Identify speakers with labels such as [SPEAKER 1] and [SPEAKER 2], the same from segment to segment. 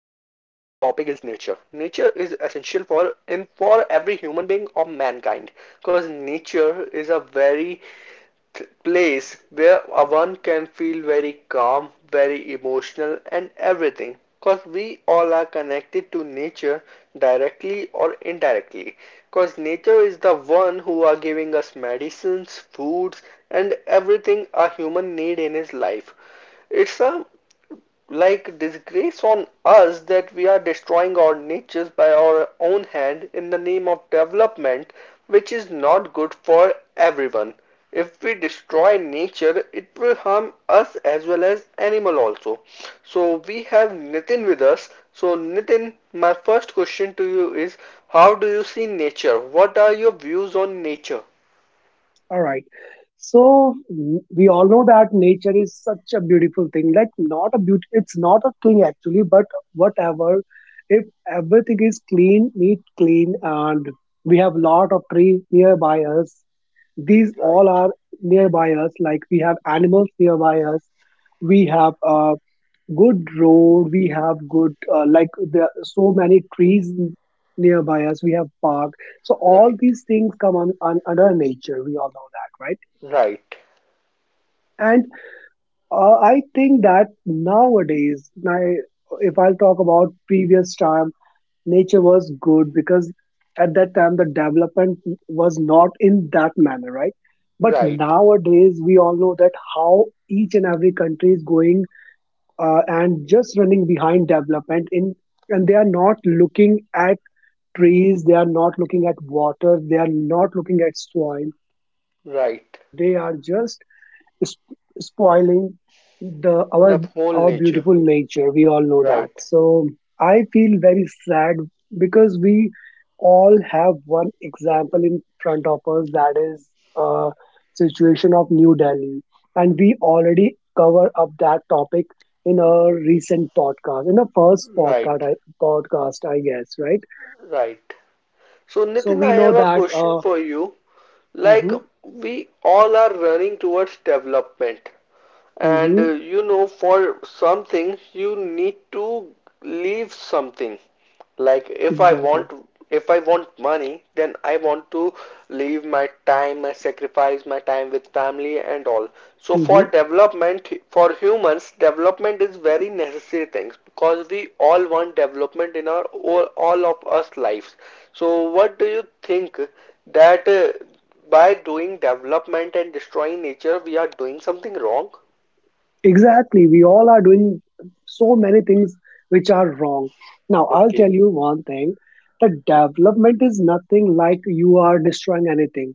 [SPEAKER 1] nature. Nature is essential for every human being or mankind because nature is a very place where one can feel very calm, very emotional, and everything. Because we all are connected to nature directly or indirectly. Because nature is the one who are giving us medicines, foods, and everything a human need in his life. It's a disgrace on us that we are destroying our natures by our own hand in the name of development, which is not good for everyone. If we destroy nature, it will harm us as well as animal also. So we have Nitin with us. So Nitin, my first question to you is, how do you see nature? What are your views on nature?
[SPEAKER 2] All right. We all know that nature is such a beautiful thing. Like not a beauty, it's not a thing actually, but whatever. If everything is clean, neat, clean, and we have lot of trees nearby us. These
[SPEAKER 1] Right,
[SPEAKER 2] all are nearby us. Like we have animals nearby us. We have a good road. We have good like there are so many nearby us. We have park. So all
[SPEAKER 1] right,
[SPEAKER 2] these things come on under nature. We all know that, right?
[SPEAKER 1] right,
[SPEAKER 2] And I think that nowadays, my if I'll talk about previous time, nature was good because at that time the development was not in that manner, right? But
[SPEAKER 1] right,
[SPEAKER 2] nowadays, we all know that how each and every country is going and just running behind development, and they are not looking at trees, they are not looking at water, they are not looking at soil.
[SPEAKER 1] right.
[SPEAKER 2] They are just spoiling the
[SPEAKER 1] The whole
[SPEAKER 2] our
[SPEAKER 1] nature.
[SPEAKER 2] beautiful nature, we all know that.
[SPEAKER 1] Right.
[SPEAKER 2] So I feel very sad because we all have one example in front of us, that is, uh, situation of New Delhi, and we already cover up that topic in our recent podcast, in the first
[SPEAKER 1] Right,
[SPEAKER 2] podcast, I podcast I guess, right?
[SPEAKER 1] right. So,
[SPEAKER 2] So
[SPEAKER 1] Nitin,
[SPEAKER 2] we
[SPEAKER 1] I
[SPEAKER 2] know
[SPEAKER 1] have a
[SPEAKER 2] that
[SPEAKER 1] question for you. Like,
[SPEAKER 2] mhm
[SPEAKER 1] we all are running towards development, and
[SPEAKER 2] mhm
[SPEAKER 1] you know, for something you need to leave something, like
[SPEAKER 2] exactly.
[SPEAKER 1] if I want money, then I want to leave my time, I sacrifice my time with family and all. So for
[SPEAKER 2] Mm-hmm.
[SPEAKER 1] development, for humans, development is very necessary things because we all want development in our all of us lives. So what do you think that by doing development and destroying nature, we are doing something wrong?
[SPEAKER 2] Exactly. We all are doing so many things which are wrong. Now, I'll tell
[SPEAKER 1] Okay.
[SPEAKER 2] you one thing that development is nothing like you are destroying anything.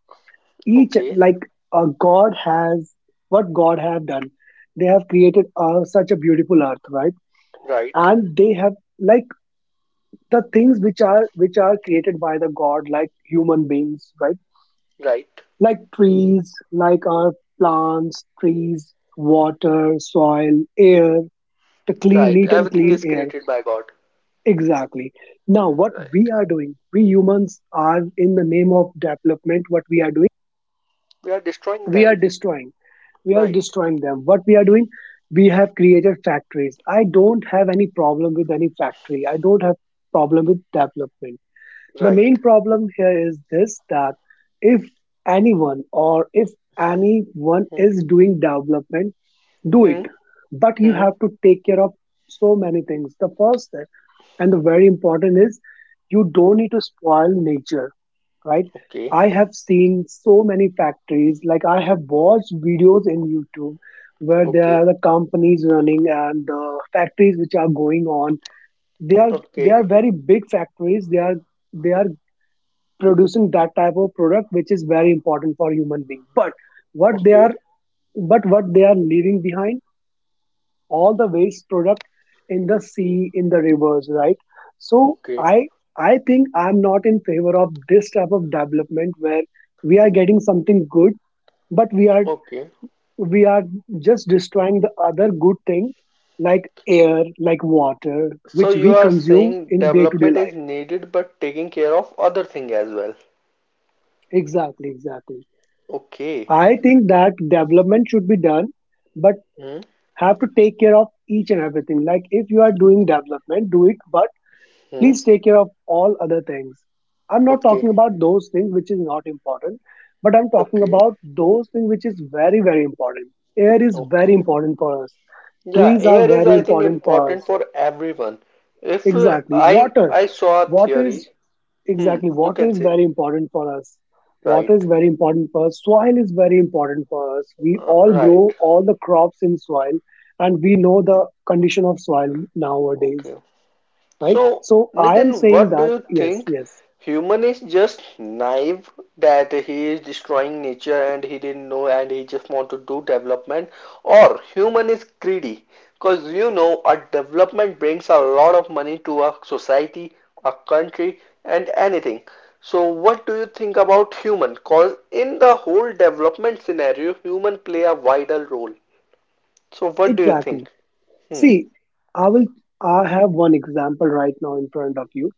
[SPEAKER 2] Each,
[SPEAKER 1] Okay,
[SPEAKER 2] like, God has, what God have done. They have created such a beautiful earth, right?
[SPEAKER 1] right,
[SPEAKER 2] And they have, like, the things which are created by the god, like human beings, right?
[SPEAKER 1] right,
[SPEAKER 2] Like trees, like our plants, trees, water, soil, air, the clean,
[SPEAKER 1] right.
[SPEAKER 2] neat and
[SPEAKER 1] Everything
[SPEAKER 2] clean
[SPEAKER 1] is
[SPEAKER 2] air.
[SPEAKER 1] created by God.
[SPEAKER 2] Exactly. Now, what we
[SPEAKER 1] Right.
[SPEAKER 2] are doing, we humans are, in the name of development, what we are doing,
[SPEAKER 1] We are destroying
[SPEAKER 2] we
[SPEAKER 1] them.
[SPEAKER 2] are destroying. We are
[SPEAKER 1] Right,
[SPEAKER 2] destroying them. What we are doing, we have created factories. I don't have any problem with any factory. I don't have problem with development. The
[SPEAKER 1] right.
[SPEAKER 2] main problem here is this, that if anyone, or if anyone
[SPEAKER 1] Hmm.
[SPEAKER 2] is doing development, do
[SPEAKER 1] Hmm.
[SPEAKER 2] it, but you
[SPEAKER 1] Hmm.
[SPEAKER 2] have to take care of so many things. The first thing and the very important is you don't need to spoil nature, right?
[SPEAKER 1] Okay.
[SPEAKER 2] I have seen so many factories, like I have watched videos in YouTube where there
[SPEAKER 1] Okay.
[SPEAKER 2] are the companies running, and the factories which are going on, they are
[SPEAKER 1] Okay.
[SPEAKER 2] very big factories. They are producing that type of product which is very important for human being, but what they are
[SPEAKER 1] Okay.
[SPEAKER 2] what they are leaving behind, all the waste product in the sea, in the rivers, right? So
[SPEAKER 1] Okay.
[SPEAKER 2] I I think I'm not in favor of this type of development where we are getting something good, but we are
[SPEAKER 1] Okay.
[SPEAKER 2] we are just destroying the other good thing, like air, like water, which
[SPEAKER 1] So
[SPEAKER 2] we
[SPEAKER 1] you are
[SPEAKER 2] consume
[SPEAKER 1] saying
[SPEAKER 2] in day to day
[SPEAKER 1] development is
[SPEAKER 2] life.
[SPEAKER 1] needed but taking care of other thing as well.
[SPEAKER 2] Exactly, exactly.
[SPEAKER 1] Okay.
[SPEAKER 2] I think that development should be done, but
[SPEAKER 1] Hmm.
[SPEAKER 2] have to take care of each and everything. Like if you are doing development, do it, but
[SPEAKER 1] Hmm.
[SPEAKER 2] please take care of all other things. I'm not talking
[SPEAKER 1] Okay.
[SPEAKER 2] about those things which is not important, but I'm talking
[SPEAKER 1] Okay.
[SPEAKER 2] about those things which is very, very important. Air is very
[SPEAKER 1] Okay.
[SPEAKER 2] important for us.
[SPEAKER 1] Yeah,
[SPEAKER 2] Trees are
[SPEAKER 1] air is
[SPEAKER 2] very
[SPEAKER 1] I think
[SPEAKER 2] important for
[SPEAKER 1] important
[SPEAKER 2] us.
[SPEAKER 1] for everyone. If uh,
[SPEAKER 2] Exactly.
[SPEAKER 1] I
[SPEAKER 2] Water.
[SPEAKER 1] I saw a
[SPEAKER 2] Water is,
[SPEAKER 1] theory. Hmm,
[SPEAKER 2] exactly,
[SPEAKER 1] you
[SPEAKER 2] water
[SPEAKER 1] can
[SPEAKER 2] is
[SPEAKER 1] say,
[SPEAKER 2] very important for us. Water
[SPEAKER 1] right,
[SPEAKER 2] is very important for us. Soil is very important for us. We all
[SPEAKER 1] right.
[SPEAKER 2] grow all the crops in soil, and we know the condition of soil nowadays,
[SPEAKER 1] Okay.
[SPEAKER 2] right?
[SPEAKER 1] So,
[SPEAKER 2] So I am
[SPEAKER 1] Nitin,
[SPEAKER 2] saying
[SPEAKER 1] what do
[SPEAKER 2] that,
[SPEAKER 1] you
[SPEAKER 2] yes,
[SPEAKER 1] think?
[SPEAKER 2] yes.
[SPEAKER 1] Human is just naive that he is destroying nature and he didn't know and he just want to do development, or human is greedy? Because you know, a development brings a lot of money to a society, a country, and anything. So, what do you think about human? Because in the whole development scenario, human play a vital role. So, what do you
[SPEAKER 2] Exactly.
[SPEAKER 1] think? Hmm.
[SPEAKER 2] See, I will. I have one example right now in front of you.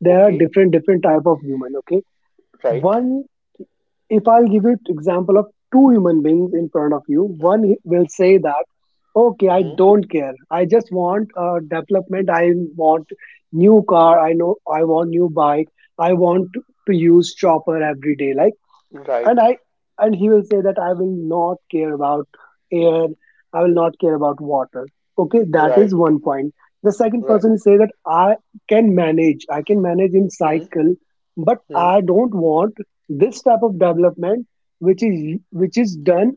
[SPEAKER 2] There are
[SPEAKER 1] Okay.
[SPEAKER 2] different different type of human. Okay,
[SPEAKER 1] Right.
[SPEAKER 2] one. If I'll give you example of two human beings in front of you, one will say that, okay, I
[SPEAKER 1] Hmm.
[SPEAKER 2] don't care. I just want development. I want new car. I know. I want new bike. I want to use chopper every day. Like, and
[SPEAKER 1] Right.
[SPEAKER 2] i and he will say that I will not care about air, I will not care about water. Okay, that is
[SPEAKER 1] Right.
[SPEAKER 2] one point. The second
[SPEAKER 1] Right.
[SPEAKER 2] person say that I can manage, I can manage in
[SPEAKER 1] Hmm.
[SPEAKER 2] cycle, but
[SPEAKER 1] Hmm.
[SPEAKER 2] I don't want this type of development, which is which is done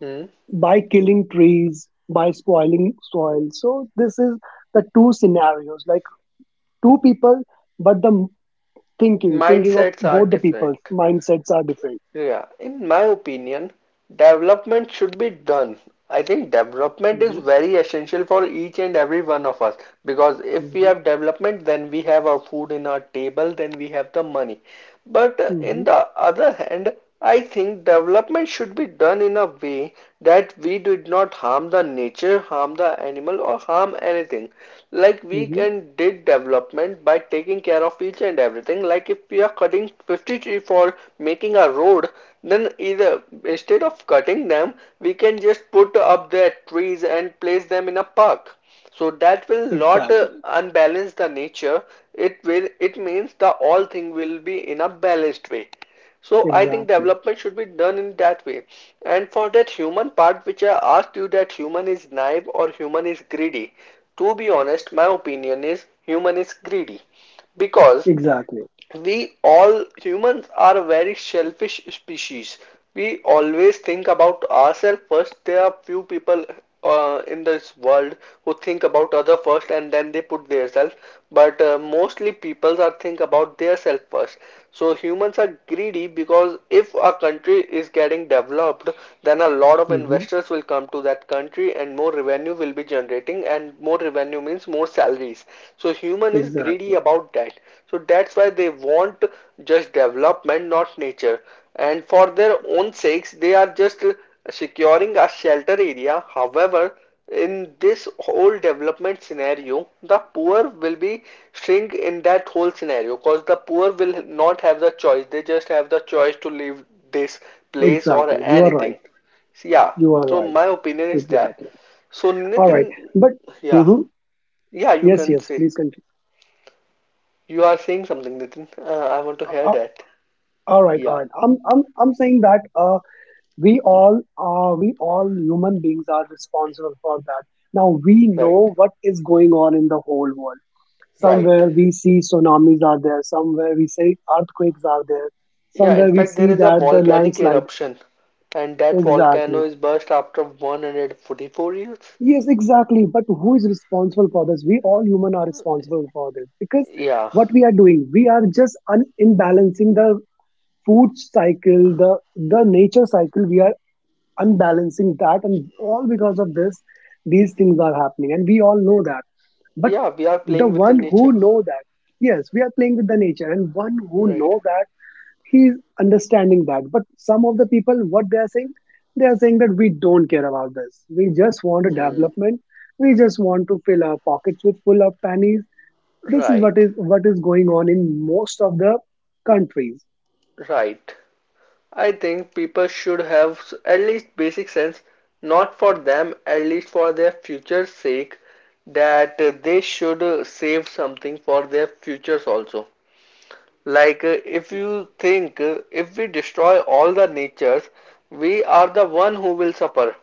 [SPEAKER 1] Hmm.
[SPEAKER 2] by killing trees, by spoiling soil. So this is the two scenarios, like two people, but the thinking of
[SPEAKER 1] Mindsets are
[SPEAKER 2] both the people's
[SPEAKER 1] different.
[SPEAKER 2] mindsets are different.
[SPEAKER 1] Yeah. In my opinion, development should be done. I think development is
[SPEAKER 2] Hmm.
[SPEAKER 1] very essential for each and every one of us, because if we
[SPEAKER 2] Hmm.
[SPEAKER 1] have development, then we have our food in our table, then we have the money. But in
[SPEAKER 2] Hmm.
[SPEAKER 1] the other hand, I think development should be done in a way that we did not harm the nature, harm the animal, or harm anything. Like we
[SPEAKER 2] Mm-hmm.
[SPEAKER 1] can did development by taking care of each and everything. Like if we are cutting 50 trees for making a road, then either instead of cutting them, we can just put up their trees and place them in a park, so that will not
[SPEAKER 2] Exactly.
[SPEAKER 1] unbalance the nature. It will, it means the all thing will be in a balanced way. So I think
[SPEAKER 2] Exactly.
[SPEAKER 1] development should be done in that way. And for that human part which I asked you, that human is naive or human is greedy, to be honest, my opinion is human is greedy, because
[SPEAKER 2] Exactly.
[SPEAKER 1] we all humans are a very selfish species. We always think about ourselves first. There are few people in this world who think about other first and then they put their self. But mostly people are think about their self first. So humans are greedy, because if a country is getting developed, then a lot of
[SPEAKER 2] Mm-hmm.
[SPEAKER 1] investors will come to that country and more revenue will be generating, and more revenue means more salaries. So human is greedy
[SPEAKER 2] Exactly.
[SPEAKER 1] about that. So that's why they want just development, not nature. And for their own sakes, they are just securing a shelter area. However, in this whole development scenario, the poor will be string in that whole scenario, because the poor will not have the choice, they just have the choice to leave this place or
[SPEAKER 2] Exactly. You are
[SPEAKER 1] anything.
[SPEAKER 2] right.
[SPEAKER 1] So yeah,
[SPEAKER 2] You are
[SPEAKER 1] so
[SPEAKER 2] right.
[SPEAKER 1] my opinion is that.
[SPEAKER 2] Exactly.
[SPEAKER 1] So
[SPEAKER 2] All
[SPEAKER 1] Nitin,
[SPEAKER 2] right. But
[SPEAKER 1] yeah.
[SPEAKER 2] mm-hmm.
[SPEAKER 1] Yeah, you
[SPEAKER 2] Yes,
[SPEAKER 1] can
[SPEAKER 2] yes.
[SPEAKER 1] say.
[SPEAKER 2] Please continue.
[SPEAKER 1] You are saying something, Nitin. I want to
[SPEAKER 2] Uh,
[SPEAKER 1] hear
[SPEAKER 2] uh,
[SPEAKER 1] that.
[SPEAKER 2] all right. All
[SPEAKER 1] Yeah,
[SPEAKER 2] right. I'm saying that we all, we all human beings are responsible for that. Now we
[SPEAKER 1] right.
[SPEAKER 2] know what is going on in the whole world.
[SPEAKER 1] Right.
[SPEAKER 2] Somewhere we see tsunamis are there. Somewhere we see earthquakes are there.
[SPEAKER 1] Yeah, in
[SPEAKER 2] Somewhere we
[SPEAKER 1] fact, there
[SPEAKER 2] see
[SPEAKER 1] is a
[SPEAKER 2] that the
[SPEAKER 1] volcanic
[SPEAKER 2] landslide.
[SPEAKER 1] eruption, and that volcano
[SPEAKER 2] Exactly.
[SPEAKER 1] is burst after 144 years.
[SPEAKER 2] Yes, exactly. But who is responsible for this? We all human are responsible for this because
[SPEAKER 1] Yeah.
[SPEAKER 2] what we are doing, we are just imbalancing the food cycle, the nature cycle. We are unbalancing that, and all because of this, these things are happening, and we all know that. But
[SPEAKER 1] Yeah, we are
[SPEAKER 2] the
[SPEAKER 1] playing with the
[SPEAKER 2] one who
[SPEAKER 1] nature.
[SPEAKER 2] know that, yes, we are playing with the nature, and one who
[SPEAKER 1] Right.
[SPEAKER 2] know that, he's understanding that. But some of the people, what they are saying, they are saying that we don't care about this, we just want a
[SPEAKER 1] Hmm.
[SPEAKER 2] development, we just want to fill our pockets with full of pennies. This is what,
[SPEAKER 1] Right.
[SPEAKER 2] is going on in most of the countries.
[SPEAKER 1] Right. I think people should have at least basic sense, not for them, at least for their future's sake, that they should save something for their futures also. Like,
[SPEAKER 2] Exactly.
[SPEAKER 1] if you think if we destroy all the natures, we are the one who will suffer.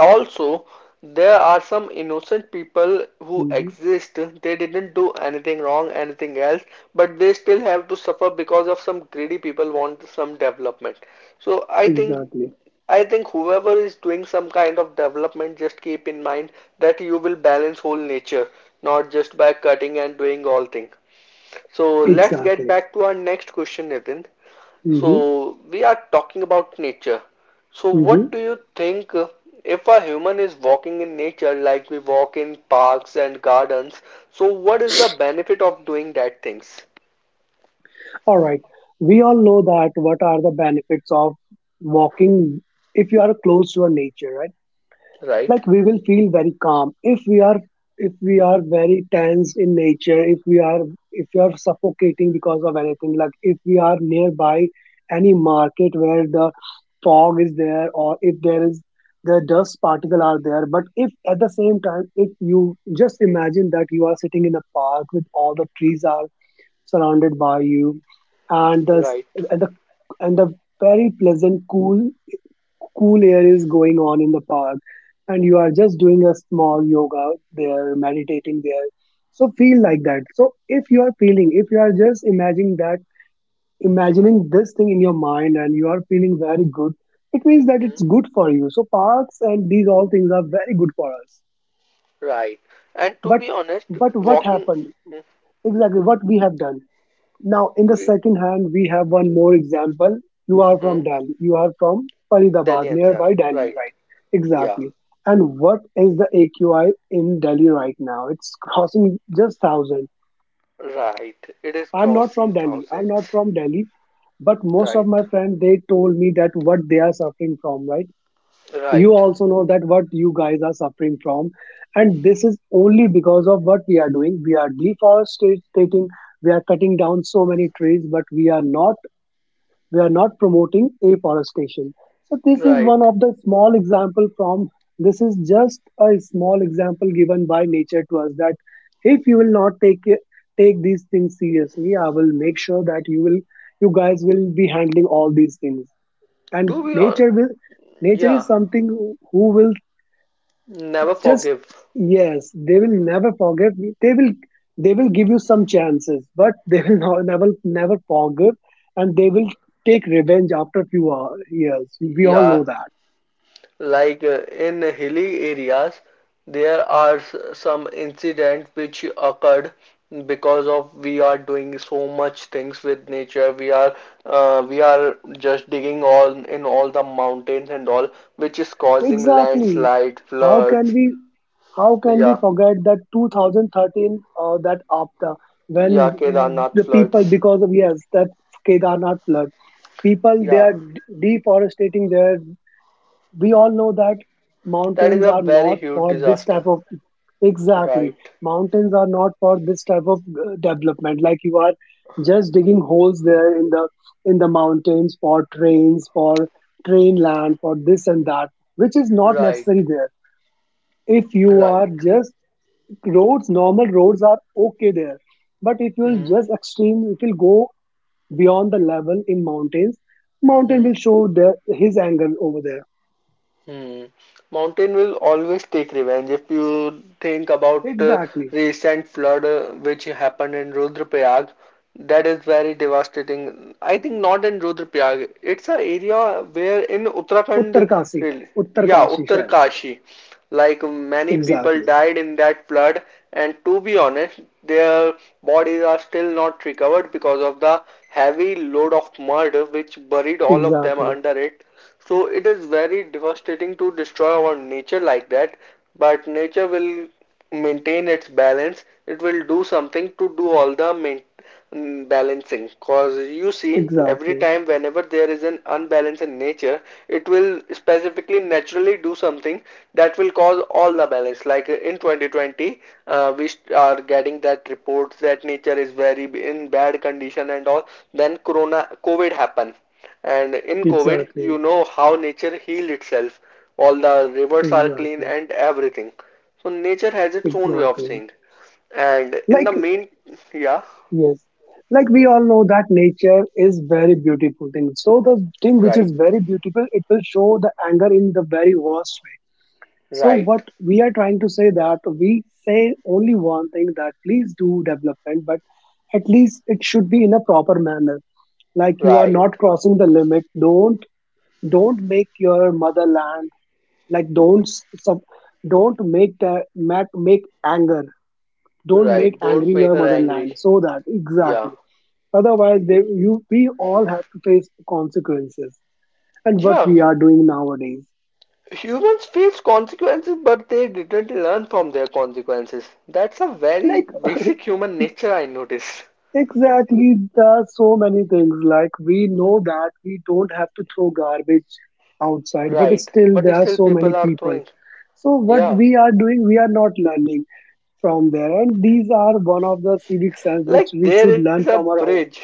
[SPEAKER 1] Also, there are some innocent people
[SPEAKER 2] Hmm.
[SPEAKER 1] who exist. They didn't do anything wrong, anything else, but they still have to suffer because of some greedy people want some development. So
[SPEAKER 2] Exactly.
[SPEAKER 1] I think whoever is doing some kind of development, just keep in mind that you will balance whole nature, not just by cutting and doing all things. So let's
[SPEAKER 2] Exactly.
[SPEAKER 1] get back to our next question, Nitin.
[SPEAKER 2] Hmm.
[SPEAKER 1] So we are talking about nature. So
[SPEAKER 2] Hmm.
[SPEAKER 1] what do you think if a human is walking in nature like we walk in parks and gardens, so what is the benefit of doing that things?
[SPEAKER 2] All right. We all know that what are the benefits of walking if you are close to a nature, right?
[SPEAKER 1] Right?
[SPEAKER 2] Like we will feel very calm if we are, if we are very tense in nature, if we are, if we are suffocating because of anything, like if we are nearby any market where the fog is there, or if there is the dust particle are there. But if at the same time, if you just imagine that you are sitting in a park with all the trees are surrounded by you, and the,
[SPEAKER 1] Right.
[SPEAKER 2] and the and the very pleasant, cool air is going on in the park, and you are just doing a small yoga there, meditating there. So feel like that. So if you are feeling, if you are just imagining that, imagining this thing in your mind, and you are feeling very good, it means that
[SPEAKER 1] Hmm.
[SPEAKER 2] it's good for you. So parks and these all things are very good for us.
[SPEAKER 1] Right. And to
[SPEAKER 2] but
[SPEAKER 1] be honest,
[SPEAKER 2] but what
[SPEAKER 1] walking,
[SPEAKER 2] happened,
[SPEAKER 1] hmm,
[SPEAKER 2] exactly what we have done. Now, in the
[SPEAKER 1] we,
[SPEAKER 2] second hand, we have one more example. You are
[SPEAKER 1] hmm,
[SPEAKER 2] from Delhi. You are from
[SPEAKER 1] Delhi
[SPEAKER 2] Faridabad,
[SPEAKER 1] NCR.
[SPEAKER 2] nearby Delhi,
[SPEAKER 1] Right.
[SPEAKER 2] right?
[SPEAKER 1] Yeah.
[SPEAKER 2] Exactly. And what is the AQI in Delhi right now? It's crossing just 1,000.
[SPEAKER 1] Right. It is
[SPEAKER 2] I'm not
[SPEAKER 1] crossing
[SPEAKER 2] from Delhi. I'm not
[SPEAKER 1] thousands.
[SPEAKER 2] from Delhi, but most of
[SPEAKER 1] Right.
[SPEAKER 2] my friends they told me that what they are suffering from, right? You
[SPEAKER 1] Right.
[SPEAKER 2] also know that what you guys are suffering from, and this is only because of what we are doing. We are deforesting, we are cutting down so many trees, but we are not promoting afforestation. So this is one
[SPEAKER 1] Right.
[SPEAKER 2] of the small example from, this is just a small example given by nature to us, that if you will not take it, take these things seriously, I will make sure that you will, you guys will be handling all these things. And
[SPEAKER 1] To be honest,
[SPEAKER 2] nature will, nature
[SPEAKER 1] yeah,
[SPEAKER 2] is something who will
[SPEAKER 1] never
[SPEAKER 2] just,
[SPEAKER 1] forgive.
[SPEAKER 2] yes, they will never forgive. They will, they will give you some chances, but they will not, never never forgive, and they will take revenge after years. We all
[SPEAKER 1] Yeah,
[SPEAKER 2] know that.
[SPEAKER 1] like in hilly areas, there are some incidents which occurred because of we are doing so much things with nature. We are just digging all in all the mountains and all, which is causing
[SPEAKER 2] Exactly.
[SPEAKER 1] landslide,
[SPEAKER 2] How can
[SPEAKER 1] floods.
[SPEAKER 2] we, how can we
[SPEAKER 1] Yeah,
[SPEAKER 2] forget that 2013, that after, when
[SPEAKER 1] yeah, Kedarnath
[SPEAKER 2] the people
[SPEAKER 1] floods.
[SPEAKER 2] because of, yes, that Kedarnath flood. People, they
[SPEAKER 1] Yeah,
[SPEAKER 2] are deforestating there. We all know that
[SPEAKER 1] that is
[SPEAKER 2] mountains
[SPEAKER 1] a
[SPEAKER 2] are
[SPEAKER 1] very
[SPEAKER 2] not
[SPEAKER 1] huge
[SPEAKER 2] for this
[SPEAKER 1] disaster.
[SPEAKER 2] type of, exactly,
[SPEAKER 1] Right,
[SPEAKER 2] mountains are not for this type of development, like you are just digging holes there, in the mountains, for trains, for train land, for this and that, which is not
[SPEAKER 1] right,
[SPEAKER 2] necessary there. If you
[SPEAKER 1] right.
[SPEAKER 2] are just, roads, normal roads are okay there, but if you'll
[SPEAKER 1] Hmm.
[SPEAKER 2] just extreme, if you'll go beyond the level in mountains, mountain
[SPEAKER 1] Hmm.
[SPEAKER 2] will show their, his anger over there.
[SPEAKER 1] Hmm. Mountain will always take revenge. If you think about
[SPEAKER 2] Exactly.
[SPEAKER 1] recent flood which happened in Rudraprayag, that is very devastating. I think not in Rudraprayag. It's an area where in Uttarakhand,
[SPEAKER 2] Uttarkashi,
[SPEAKER 1] really- yeah,
[SPEAKER 2] Uttarkashi शायद।
[SPEAKER 1] Uttarkashi, like many people
[SPEAKER 2] Exactly,
[SPEAKER 1] died in that flood. And to be honest, their bodies are still not recovered because of the heavy load of mud which buried all of them
[SPEAKER 2] exactly,
[SPEAKER 1] under it. So it is very devastating to destroy our nature like that, but nature will maintain its balance. It will do something to do all the main, mm, balancing. Cause you see, every time
[SPEAKER 2] exactly,
[SPEAKER 1] whenever there is an unbalance in nature, it will specifically naturally do something that will cause all the balance. Like in 2020, we are getting that reports that nature is very in bad condition and all. Then Corona, COVID happened. And in COVID,
[SPEAKER 2] exactly,
[SPEAKER 1] you know how nature healed itself. All the rivers are clean
[SPEAKER 2] exactly,
[SPEAKER 1] and everything. So nature has its own way of
[SPEAKER 2] exactly.
[SPEAKER 1] saying. And in the
[SPEAKER 2] Like
[SPEAKER 1] main, yeah,
[SPEAKER 2] yes, like we all know that nature is very beautiful thing. So the thing which is
[SPEAKER 1] right,
[SPEAKER 2] very beautiful, it will show the anger in the very worst way. So
[SPEAKER 1] right,
[SPEAKER 2] what we are trying to say, that we say only one thing, that please do development, but at least it should be in a proper manner. Like you are
[SPEAKER 1] right,
[SPEAKER 2] not crossing the limit. Don't make your motherland, like don't s- sub, don't make that make, make anger. Don't make
[SPEAKER 1] right. Don't
[SPEAKER 2] angry
[SPEAKER 1] make
[SPEAKER 2] your
[SPEAKER 1] her
[SPEAKER 2] motherland.
[SPEAKER 1] angry.
[SPEAKER 2] So that
[SPEAKER 1] Yeah,
[SPEAKER 2] exactly. Otherwise, they, you we all have to face consequences. And what we
[SPEAKER 1] yeah.
[SPEAKER 2] are doing nowadays,
[SPEAKER 1] Humans face consequences, but they didn't learn from their consequences. That's a very
[SPEAKER 2] like
[SPEAKER 1] basic human nature, I noticed.
[SPEAKER 2] exactly, there are so many things. Like we know that we don't have to throw garbage outside, but
[SPEAKER 1] Right,
[SPEAKER 2] still
[SPEAKER 1] but
[SPEAKER 2] there are
[SPEAKER 1] still
[SPEAKER 2] so many
[SPEAKER 1] people are
[SPEAKER 2] people.
[SPEAKER 1] throwing.
[SPEAKER 2] So what
[SPEAKER 1] Yeah,
[SPEAKER 2] we are doing, we are not learning from there. And these are one of the civic sense which we
[SPEAKER 1] like
[SPEAKER 2] should
[SPEAKER 1] there
[SPEAKER 2] learn
[SPEAKER 1] is a
[SPEAKER 2] from our home.
[SPEAKER 1] bridge.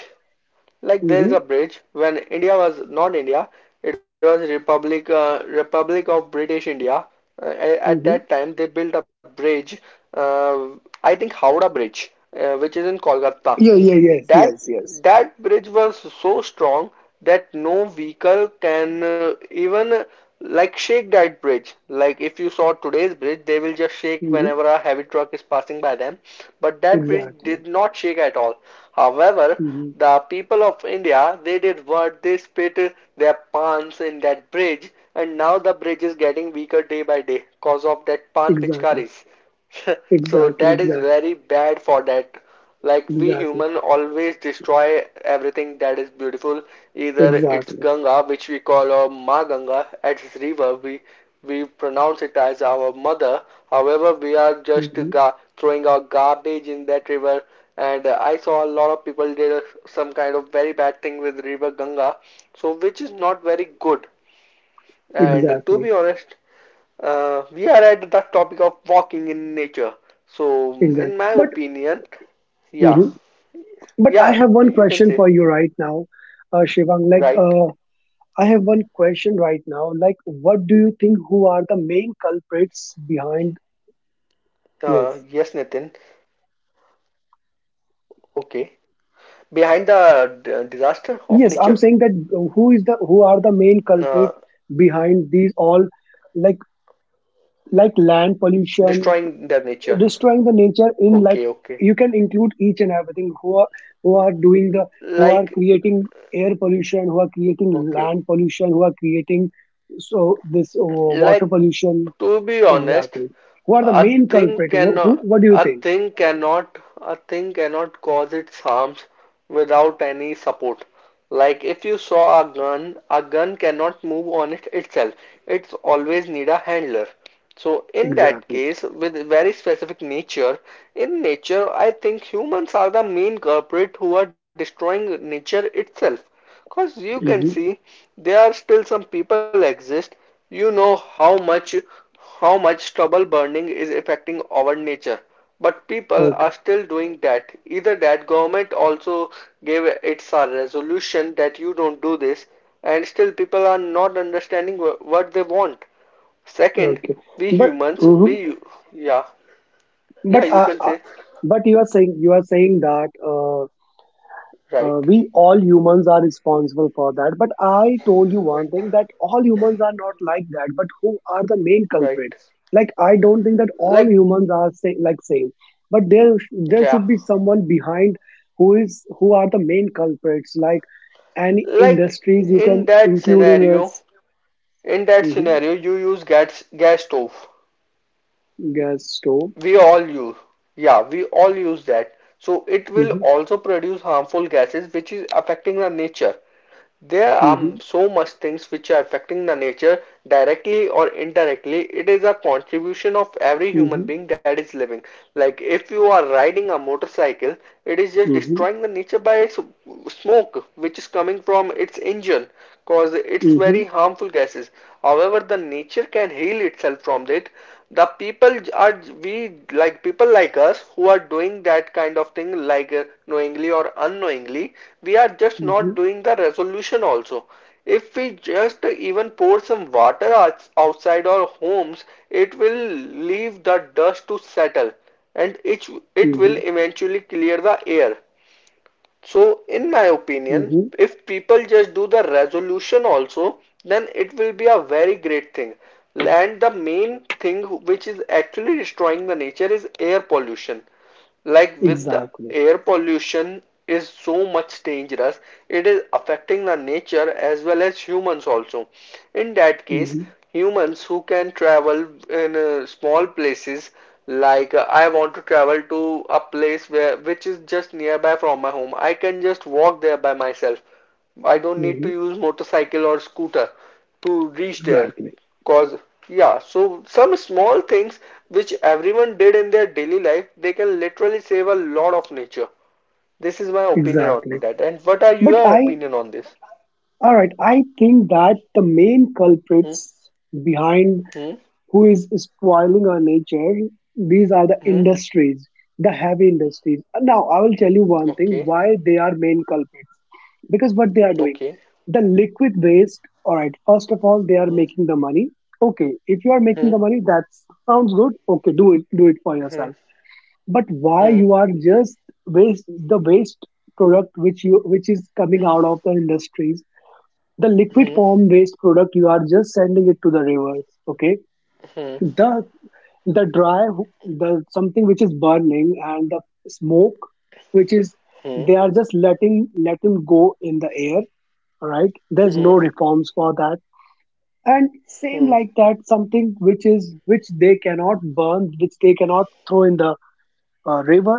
[SPEAKER 1] Like there is
[SPEAKER 2] Hmm.
[SPEAKER 1] a bridge. When India was not India, it was Republic Republic of British India. Uh, at
[SPEAKER 2] Hmm.
[SPEAKER 1] that time, they built a bridge. Uh, I think Howrah Bridge, which is in Kolkata.
[SPEAKER 2] Yeah, yeah, yes,
[SPEAKER 1] That
[SPEAKER 2] yes, yes.
[SPEAKER 1] that bridge was so strong that no vehicle can even like shake that bridge. Like if you saw today's bridge, they will just shake
[SPEAKER 2] Hmm.
[SPEAKER 1] whenever a heavy truck is passing by them. But that bridge
[SPEAKER 2] Exactly.
[SPEAKER 1] did not shake at all. However,
[SPEAKER 2] Hmm.
[SPEAKER 1] the people of India they did what, they spit their pans in that bridge, and now the bridge is getting weaker day by day cause of that pan
[SPEAKER 2] Exactly.
[SPEAKER 1] pichkaris. So
[SPEAKER 2] Exactly.
[SPEAKER 1] that is
[SPEAKER 2] Exactly.
[SPEAKER 1] very bad for that, like we
[SPEAKER 2] Exactly.
[SPEAKER 1] human always destroy everything that is beautiful. Either it's
[SPEAKER 2] Exactly.
[SPEAKER 1] Ganga, which we call our Ma Ganga, as its river, we pronounce it as our mother. However, we are just
[SPEAKER 2] Hmm.
[SPEAKER 1] throwing our garbage in that river. And I saw a lot of people did some kind of very bad thing with river Ganga, so which is not very good. And to
[SPEAKER 2] Exactly.
[SPEAKER 1] be honest, we are at the topic of walking in nature. So, in
[SPEAKER 2] Exactly.
[SPEAKER 1] my
[SPEAKER 2] But,
[SPEAKER 1] opinion, yeah,
[SPEAKER 2] mhm. But I
[SPEAKER 1] yeah,
[SPEAKER 2] have
[SPEAKER 1] you
[SPEAKER 2] one
[SPEAKER 1] can say.
[SPEAKER 2] question for you right now, Shivang. Like,
[SPEAKER 1] Right.
[SPEAKER 2] I have one question right now. Like, what do you think? Who are the main
[SPEAKER 1] Yes,
[SPEAKER 2] culprits
[SPEAKER 1] Nitin.
[SPEAKER 2] behind? Yes.
[SPEAKER 1] Okay. Behind the disaster of nature,
[SPEAKER 2] Yes, I'm saying that
[SPEAKER 1] uh,
[SPEAKER 2] who are the main culprit behind these all, like like land
[SPEAKER 1] destroying their
[SPEAKER 2] pollution,
[SPEAKER 1] nature.
[SPEAKER 2] destroying the
[SPEAKER 1] Okay,
[SPEAKER 2] nature,
[SPEAKER 1] okay.
[SPEAKER 2] in like you can include each and everything who are doing the
[SPEAKER 1] Like,
[SPEAKER 2] who are creating air pollution, who are creating
[SPEAKER 1] okay.
[SPEAKER 2] land pollution, who are creating so this
[SPEAKER 1] Like,
[SPEAKER 2] water pollution,
[SPEAKER 1] to be honest,
[SPEAKER 2] exactly. Who are the main culprit? Who what do you think
[SPEAKER 1] a thing cannot cause its harms without any support. Like if you saw a gun cannot move on it itself. It's always need a handler. So in that
[SPEAKER 2] exactly?
[SPEAKER 1] case, with very specific nature, in nature, I think humans are the main culprit who are destroying nature itself. Cause you can see
[SPEAKER 2] Hmm.
[SPEAKER 1] there are still some people exist. You know how much how much trouble burning is affecting our nature. But people
[SPEAKER 2] Okay,
[SPEAKER 1] are still doing that. Either that government also gave its a resolution that you don't do this, and still people are not understanding what they want. Second,
[SPEAKER 2] okay,
[SPEAKER 1] we
[SPEAKER 2] but
[SPEAKER 1] humans,
[SPEAKER 2] mhm.
[SPEAKER 1] we yeah.
[SPEAKER 2] But
[SPEAKER 1] Yeah, you
[SPEAKER 2] uh,
[SPEAKER 1] can
[SPEAKER 2] uh,
[SPEAKER 1] say
[SPEAKER 2] but you are saying that,
[SPEAKER 1] right.
[SPEAKER 2] we all humans are responsible for that. But I told you one
[SPEAKER 1] Right.
[SPEAKER 2] thing that all humans are not like that. But who are the main
[SPEAKER 1] Right.
[SPEAKER 2] culprits? Like, I don't think that all
[SPEAKER 1] Like
[SPEAKER 2] humans are say, like, same. But there
[SPEAKER 1] yeah.
[SPEAKER 2] should be someone behind who is who are the main culprits. Like, any
[SPEAKER 1] Like
[SPEAKER 2] industries you can
[SPEAKER 1] in that
[SPEAKER 2] include in
[SPEAKER 1] scenario,
[SPEAKER 2] this.
[SPEAKER 1] In that
[SPEAKER 2] Hmm.
[SPEAKER 1] scenario, you use gas stove.
[SPEAKER 2] Gas stoves.
[SPEAKER 1] We all use. Yeah, we all use that. So it will
[SPEAKER 2] Hmm.
[SPEAKER 1] also produce harmful gases which is affecting our nature. There are
[SPEAKER 2] Hmm.
[SPEAKER 1] so much things which are affecting the nature directly or indirectly. It is a contribution of every
[SPEAKER 2] Hmm.
[SPEAKER 1] human
[SPEAKER 2] Hmm.
[SPEAKER 1] being that is living. Like if you are riding a motorcycle, it is just
[SPEAKER 2] Hmm.
[SPEAKER 1] destroying the nature by its smoke which is coming from its engine, cause it's very harmful gases. However, the nature can heal itself from it. The people are we, like people like us who are doing that kind of thing like knowingly or unknowingly, we are just
[SPEAKER 2] Hmm.
[SPEAKER 1] not doing the resolution also. If we just even pour some water outside our homes, it will leave the dust to settle, and it
[SPEAKER 2] Hmm.
[SPEAKER 1] will eventually clear the air. So, in my opinion,
[SPEAKER 2] Hmm.
[SPEAKER 1] if people just do the resolution also, then it will be a very great thing. And the main thing which is actually destroying the nature is air pollution. Like with the
[SPEAKER 2] Exactly.
[SPEAKER 1] air pollution is so much dangerous, it is affecting the nature as well as humans also. In that case,
[SPEAKER 2] Hmm.
[SPEAKER 1] humans who can travel in small places, like I want to travel to a place where which is just nearby from my home, I can just walk there by myself. I don't need to
[SPEAKER 2] Hmm.
[SPEAKER 1] use motorcycle or scooter to reach there.
[SPEAKER 2] Exactly.
[SPEAKER 1] Cause yeah, so some small things which everyone did in their daily life, they can literally save a lot of nature. This is my opinion on
[SPEAKER 2] Exactly.
[SPEAKER 1] that, and what are
[SPEAKER 2] But
[SPEAKER 1] your
[SPEAKER 2] I,
[SPEAKER 1] opinion on this?
[SPEAKER 2] all right, I think that the main
[SPEAKER 1] hmm
[SPEAKER 2] culprits behind,
[SPEAKER 1] hmm
[SPEAKER 2] who is spoiling our nature, these are the
[SPEAKER 1] hmm
[SPEAKER 2] industries, the heavy industries. Now, I will tell you one thing
[SPEAKER 1] okay.
[SPEAKER 2] why they are main culprits. Because what they are doing,
[SPEAKER 1] Okay.
[SPEAKER 2] the liquid waste, all right, first of all, they are
[SPEAKER 1] hmm
[SPEAKER 2] making the money. Okay, if you are making the
[SPEAKER 1] hmm
[SPEAKER 2] money, that sounds good. Okay, do it for
[SPEAKER 1] Hmm.
[SPEAKER 2] yourself. But why you are just waste the waste product, which is coming out of the industries, the liquid
[SPEAKER 1] Hmm.
[SPEAKER 2] form waste product you are just sending it to the rivers. Okay,
[SPEAKER 1] Hmm.
[SPEAKER 2] the the dry, the something which is burning, and the smoke, which is they are just letting go in the air. Right, there's no reforms for that. And same like that, something which is, which they cannot burn, which they cannot throw in the river,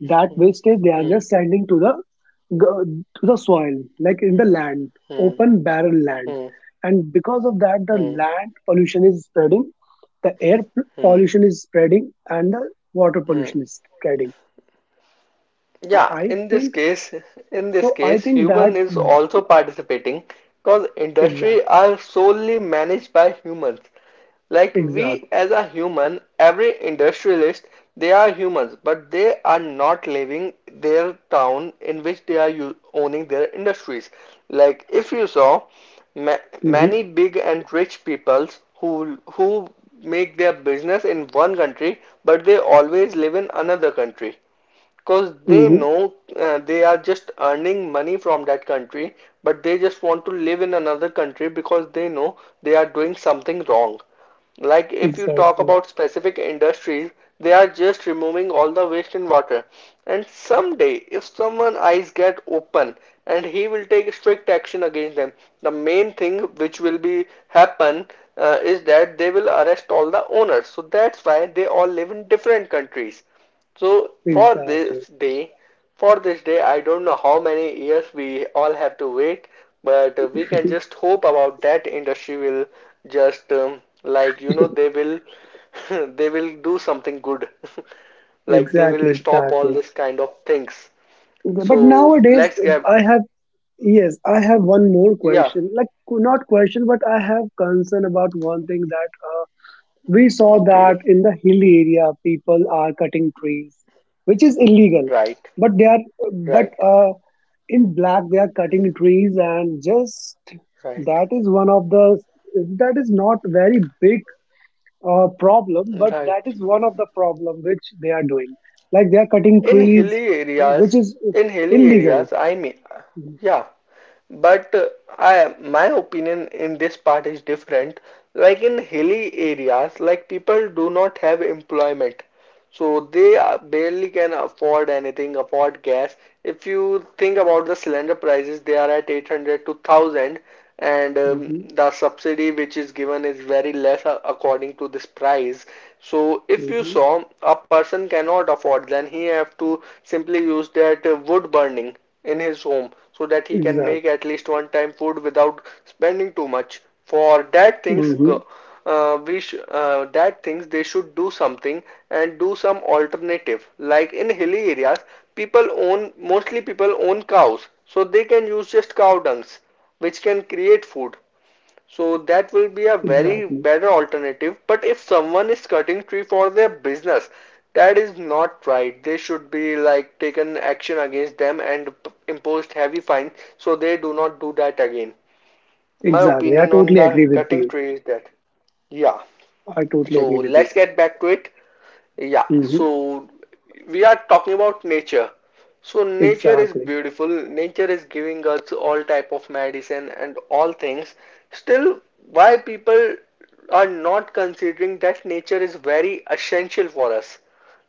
[SPEAKER 2] that wastage they are just sending to the to the soil, like in the land, open barren land. And because of that, the land pollution is spreading, the air pollution is spreading, and the water
[SPEAKER 1] hmm
[SPEAKER 2] pollution is spreading. so
[SPEAKER 1] Yeah,
[SPEAKER 2] i
[SPEAKER 1] in this
[SPEAKER 2] think
[SPEAKER 1] case, in this
[SPEAKER 2] so i
[SPEAKER 1] case,
[SPEAKER 2] think that,
[SPEAKER 1] human is also participating, because industry
[SPEAKER 2] exactly,
[SPEAKER 1] are solely managed by humans. Like we
[SPEAKER 2] exactly.
[SPEAKER 1] as a human, every industrialist, they are humans, but they are not living their town in which they are owning their industries. Like if you saw, ma
[SPEAKER 2] Hmm.
[SPEAKER 1] many big and rich peoples who who make their business in one country, but they always live in another country because they
[SPEAKER 2] Hmm.
[SPEAKER 1] know they are just earning money from that country, but they just want to live in another country because they know they are doing something wrong. Like if you talk
[SPEAKER 2] Exactly,
[SPEAKER 1] about specific industries, they are just removing all the waste and water. And someday, if someone eyes get open and he will take strict action against them, the main thing which will be happen is that they will arrest all the owners. So that's why they all live in different countries. So for
[SPEAKER 2] exactly,
[SPEAKER 1] this day, I don't know how many years we all have to wait, but we can just hope about that industry will just like you know they will they will do something good, like they
[SPEAKER 2] exactly,
[SPEAKER 1] will stop all
[SPEAKER 2] exactly.
[SPEAKER 1] this kind of things.
[SPEAKER 2] But
[SPEAKER 1] So
[SPEAKER 2] nowadays,
[SPEAKER 1] let's get
[SPEAKER 2] I have. Yes, I have one more
[SPEAKER 1] yeah.
[SPEAKER 2] question. Like, not question, but I have concern about one thing that, we saw that
[SPEAKER 1] Okay.
[SPEAKER 2] in the hilly area, people are cutting trees, which is illegal.
[SPEAKER 1] Right.
[SPEAKER 2] But they are, but,
[SPEAKER 1] Right.
[SPEAKER 2] in black, they are cutting trees, and just
[SPEAKER 1] Right.
[SPEAKER 2] that is one of the that is not very big, problem, but
[SPEAKER 1] Right.
[SPEAKER 2] that is one of the problem which they are doing. Like, they are cutting
[SPEAKER 1] In
[SPEAKER 2] trees,
[SPEAKER 1] hilly
[SPEAKER 2] which
[SPEAKER 1] areas,
[SPEAKER 2] is
[SPEAKER 1] in hilly
[SPEAKER 2] illegal.
[SPEAKER 1] areas, I mean,
[SPEAKER 2] Mhm,
[SPEAKER 1] yeah. But my opinion in this part is different. Like in hilly areas, like people do not have employment. So they are barely can afford anything, afford gas. If you think about the cylinder prices, they are at 800 to 1000, and
[SPEAKER 2] mhm,
[SPEAKER 1] the subsidy which is given is very less according to this price. So if you
[SPEAKER 2] mhm.
[SPEAKER 1] saw a person cannot afford, then he have to simply use that wood burning in his home so that he can make
[SPEAKER 2] Exactly.
[SPEAKER 1] at least one time food without spending too much. For that things,
[SPEAKER 2] Hmm.
[SPEAKER 1] that thinks they should do something and do some alternative. Like in hilly areas, people own mostly people own cows, so they can use just cow dungs, which can create food. So that will be a very
[SPEAKER 2] Exactly.
[SPEAKER 1] better alternative. But if someone is cutting tree for their business, that is not right. They should be like taken action against them and imposed heavy fines so they do not do that again. My
[SPEAKER 2] Exactly. I
[SPEAKER 1] opinion on
[SPEAKER 2] totally
[SPEAKER 1] the
[SPEAKER 2] agree with
[SPEAKER 1] cutting
[SPEAKER 2] you.
[SPEAKER 1] tree is that yeah.
[SPEAKER 2] I totally
[SPEAKER 1] So
[SPEAKER 2] agree with you.
[SPEAKER 1] let's get back to it. Yeah,
[SPEAKER 2] Hmm.
[SPEAKER 1] so we are talking about nature. So nature is
[SPEAKER 2] Exactly.
[SPEAKER 1] beautiful. Nature is giving us all type of medicine and all things. Still, why people are not considering that nature is very essential for us?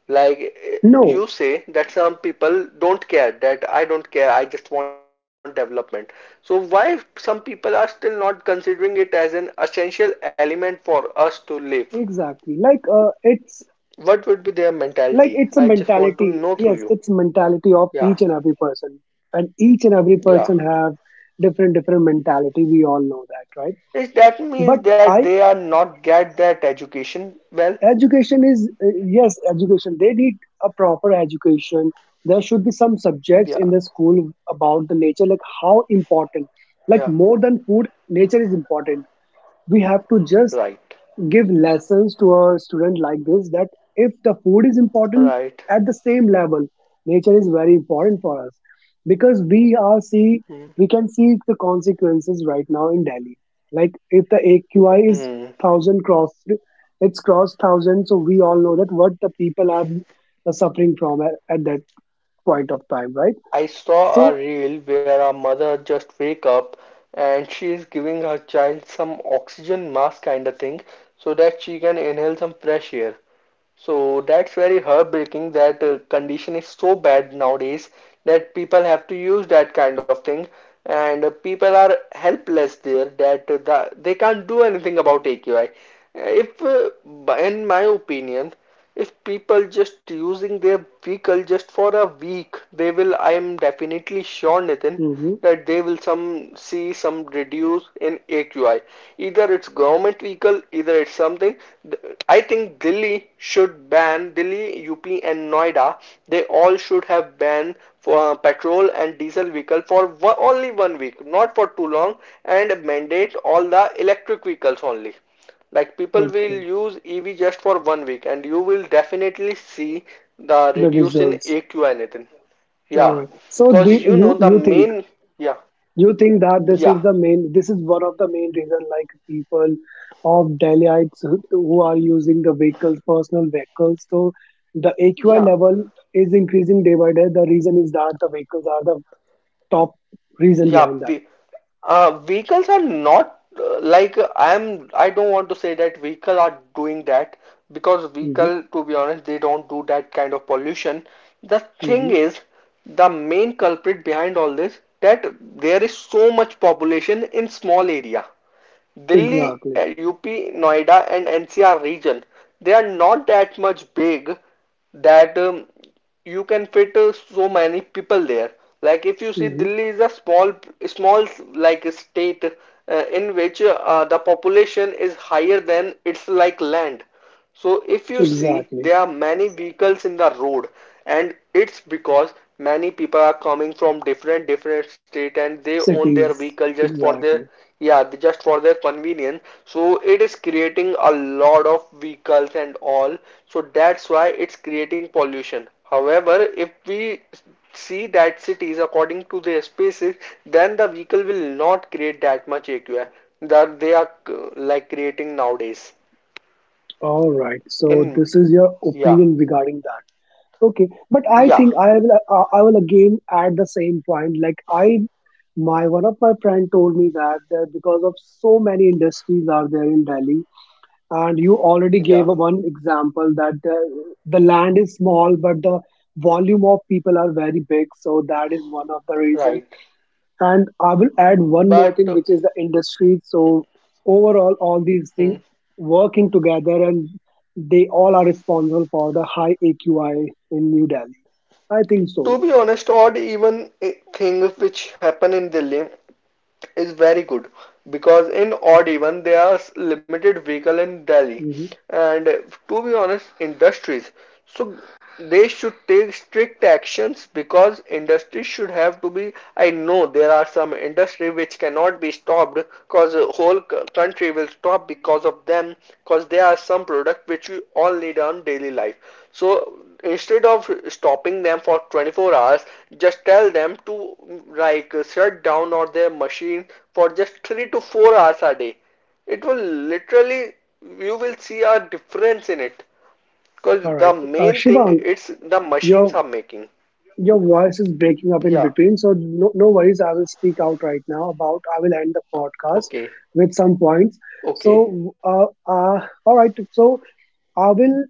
[SPEAKER 1] Like eh,
[SPEAKER 2] No,
[SPEAKER 1] you say that some people don't care, that I don't care, I just want development. So why some people are still not considering it as an essential element for us to live?
[SPEAKER 2] exactly. Like, it's
[SPEAKER 1] What would be their mentality?
[SPEAKER 2] like
[SPEAKER 1] I
[SPEAKER 2] it's a
[SPEAKER 1] just want to
[SPEAKER 2] mentality.
[SPEAKER 1] know through you.
[SPEAKER 2] Yes, it's a mentality of
[SPEAKER 1] Yeah,
[SPEAKER 2] each and every person, and each and every
[SPEAKER 1] yeah.
[SPEAKER 2] person have different different mentality. We all know that, right?
[SPEAKER 1] Is that
[SPEAKER 2] But
[SPEAKER 1] means that
[SPEAKER 2] I
[SPEAKER 1] they are not get that education well?
[SPEAKER 2] Education is, yes, education, they need a proper education. There should be some subjects in
[SPEAKER 1] Yeah,
[SPEAKER 2] the school about the nature, like how important, like
[SPEAKER 1] yeah.
[SPEAKER 2] more than food nature is important. We have to just
[SPEAKER 1] Right,
[SPEAKER 2] give lessons to a student like this, that if the food is important,
[SPEAKER 1] right.
[SPEAKER 2] at the same level nature is very important for us. Because
[SPEAKER 1] Hmm.
[SPEAKER 2] we can see the consequences right now in Delhi. Like, if the AQI is
[SPEAKER 1] Hmm.
[SPEAKER 2] 1,000 crossed, it's crossed 1,000, so we all know that what the people are, suffering from, at that point of time, right?
[SPEAKER 1] I saw a
[SPEAKER 2] So,
[SPEAKER 1] reel where a mother just wake up and she is giving her child some oxygen mask kind of thing so that she can inhale some fresh air. So that's very heartbreaking that condition is so bad nowadays that people have to use that kind of thing, and people are helpless there that they can't do anything about AQI. If, In my opinion, if people just using their vehicle just for a week, they will, I am definitely sure, Nathan,
[SPEAKER 2] mhm,
[SPEAKER 1] that they will some see some reduce in AQI. Either it's government vehicle, either it's something. I think Delhi should ban Delhi, UP, and Noida. They all should have banned for petrol and diesel vehicle for one, only 1 week, not for too long, and mandate all the electric vehicles only. Like people will
[SPEAKER 2] okay.
[SPEAKER 1] use EV just for 1 week and you will definitely see the
[SPEAKER 2] The
[SPEAKER 1] reduce in
[SPEAKER 2] results.
[SPEAKER 1] AQI and
[SPEAKER 2] All
[SPEAKER 1] yeah.
[SPEAKER 2] right, so
[SPEAKER 1] Cause you
[SPEAKER 2] you
[SPEAKER 1] know the
[SPEAKER 2] think,
[SPEAKER 1] main yeah,
[SPEAKER 2] you think that this is
[SPEAKER 1] yeah,
[SPEAKER 2] the main this is one of the main reason, like people of Delhiites, who are using the vehicles, personal vehicles, so the AQI
[SPEAKER 1] yeah,
[SPEAKER 2] level is increasing day by day, the reason is that the vehicles are the top reason
[SPEAKER 1] yeah.
[SPEAKER 2] behind that.
[SPEAKER 1] we, vehicles are not I am I don't want to say that vehicle are doing that, because
[SPEAKER 2] Hmm.
[SPEAKER 1] vehicle to be honest they don't do that kind of pollution. The thing
[SPEAKER 2] Hmm.
[SPEAKER 1] is, the main culprit behind all this that there is so much population in small area Delhi,
[SPEAKER 2] Exactly.
[SPEAKER 1] UP, Noida, and NCR region, they are not that much big that you can fit so many people there. Like if you see,
[SPEAKER 2] Hmm.
[SPEAKER 1] Delhi is a small like state in which the population is higher than it's like land. So if you see
[SPEAKER 2] Exactly.
[SPEAKER 1] there are many vehicles in the road, and it's because many people are coming from different different state and they own their
[SPEAKER 2] Cities.
[SPEAKER 1] vehicle just for their
[SPEAKER 2] Exactly.
[SPEAKER 1] yeah, just for their convenience. So it is creating a lot of vehicles and all, so that's why it's creating pollution. However, if we see that cities according to their spaces, then the vehicle will not create that much AQI that they are like creating nowadays
[SPEAKER 2] All right, so
[SPEAKER 1] in
[SPEAKER 2] this is your
[SPEAKER 1] yeah,
[SPEAKER 2] opinion regarding that. Okay, but I
[SPEAKER 1] yeah,
[SPEAKER 2] think I will, I will again add the same point. Like, my one of my friend told me that there, because of so many industries are there in Delhi, and you already
[SPEAKER 1] yeah,
[SPEAKER 2] gave a one example that the land is small, but the volume of people are very big. So that is one of the reason.
[SPEAKER 1] right.
[SPEAKER 2] And I will add one more
[SPEAKER 1] But
[SPEAKER 2] thing, which is the industry. So overall, all these
[SPEAKER 1] hmm,
[SPEAKER 2] things working together, and they all are responsible for the high AQI in New Delhi. I think so.
[SPEAKER 1] to be honest, odd even thing which happen in Delhi is very good, because in odd even there are limited vehicle in Delhi,
[SPEAKER 2] Hmm.
[SPEAKER 1] and to be honest, industries. So they should take strict actions because industry should have to be. I know there are some industry which cannot be stopped, cause a whole country will stop because of them, cause there are some product which we all need on daily life. So instead of stopping them for 24 hours, just tell them to like shut down or their machine for just 3 to 4 hours a day, it will literally, you will see a difference in it, because
[SPEAKER 2] All
[SPEAKER 1] the
[SPEAKER 2] right.
[SPEAKER 1] main thing
[SPEAKER 2] Shivang,
[SPEAKER 1] it's the machines
[SPEAKER 2] your
[SPEAKER 1] are making
[SPEAKER 2] your voice is breaking up in
[SPEAKER 1] yeah.
[SPEAKER 2] between, so no, no worries. I will speak out right now about. I will end the podcast
[SPEAKER 1] Okay.
[SPEAKER 2] with some points.
[SPEAKER 1] Okay.
[SPEAKER 2] So, all right. So I will.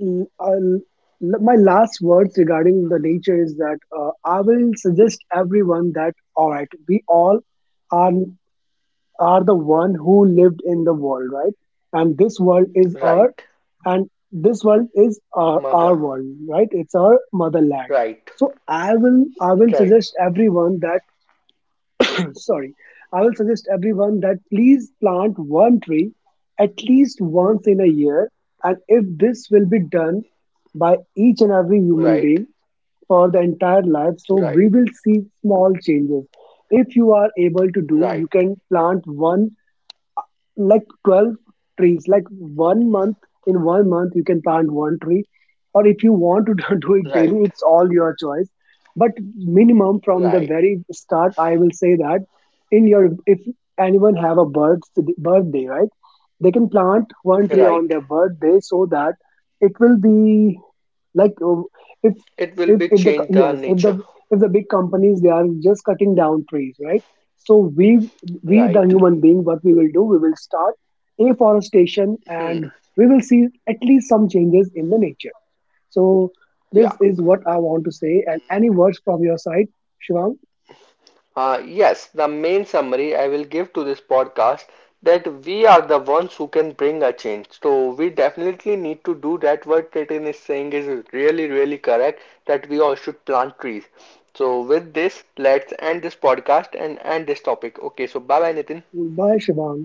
[SPEAKER 2] mm, I'll- my last words regarding the nature is that, I will suggest everyone that, all right, we all are are the one who lived in the world, right? And this world is our
[SPEAKER 1] Right.
[SPEAKER 2] and this world is
[SPEAKER 1] Mother.
[SPEAKER 2] our world, right? It's our motherland.
[SPEAKER 1] Right.
[SPEAKER 2] So I will
[SPEAKER 1] Right.
[SPEAKER 2] suggest everyone that sorry, I will suggest everyone that please plant one tree at least once in a year. And if this will be done by each and every human
[SPEAKER 1] Right.
[SPEAKER 2] being for the entire life, so
[SPEAKER 1] Right,
[SPEAKER 2] we will see small changes. If you are able to do,
[SPEAKER 1] right,
[SPEAKER 2] you can plant one, like, 12 trees. Like, one month in 1 month you can plant one tree, or if you want to do it daily,
[SPEAKER 1] right,
[SPEAKER 2] it's all your choice. But minimum, from the
[SPEAKER 1] right,
[SPEAKER 2] very start, I will say that, in your, if anyone have a birthday, right, they can plant one tree on
[SPEAKER 1] right.
[SPEAKER 2] their birthday, so that it will be like, if
[SPEAKER 1] It will be change the
[SPEAKER 2] yes,
[SPEAKER 1] nature.
[SPEAKER 2] if the big companies, they are just cutting down trees, right? So we the
[SPEAKER 1] Right.
[SPEAKER 2] human being, what we will do, we will start afforestation, and
[SPEAKER 1] Hmm.
[SPEAKER 2] we will see at least some changes in the nature. So
[SPEAKER 1] Yeah.
[SPEAKER 2] this is what I want to say. And any words from your side, Shivang?
[SPEAKER 1] Yes, the main summary I will give to this podcast that we are the ones who can bring a change. So we definitely need to do that. What Titan is saying is really, really correct, that we all should plant trees. So with this, let's end this podcast and end this topic. Okay, so bye bye Nitin.
[SPEAKER 2] Bye, Shivang.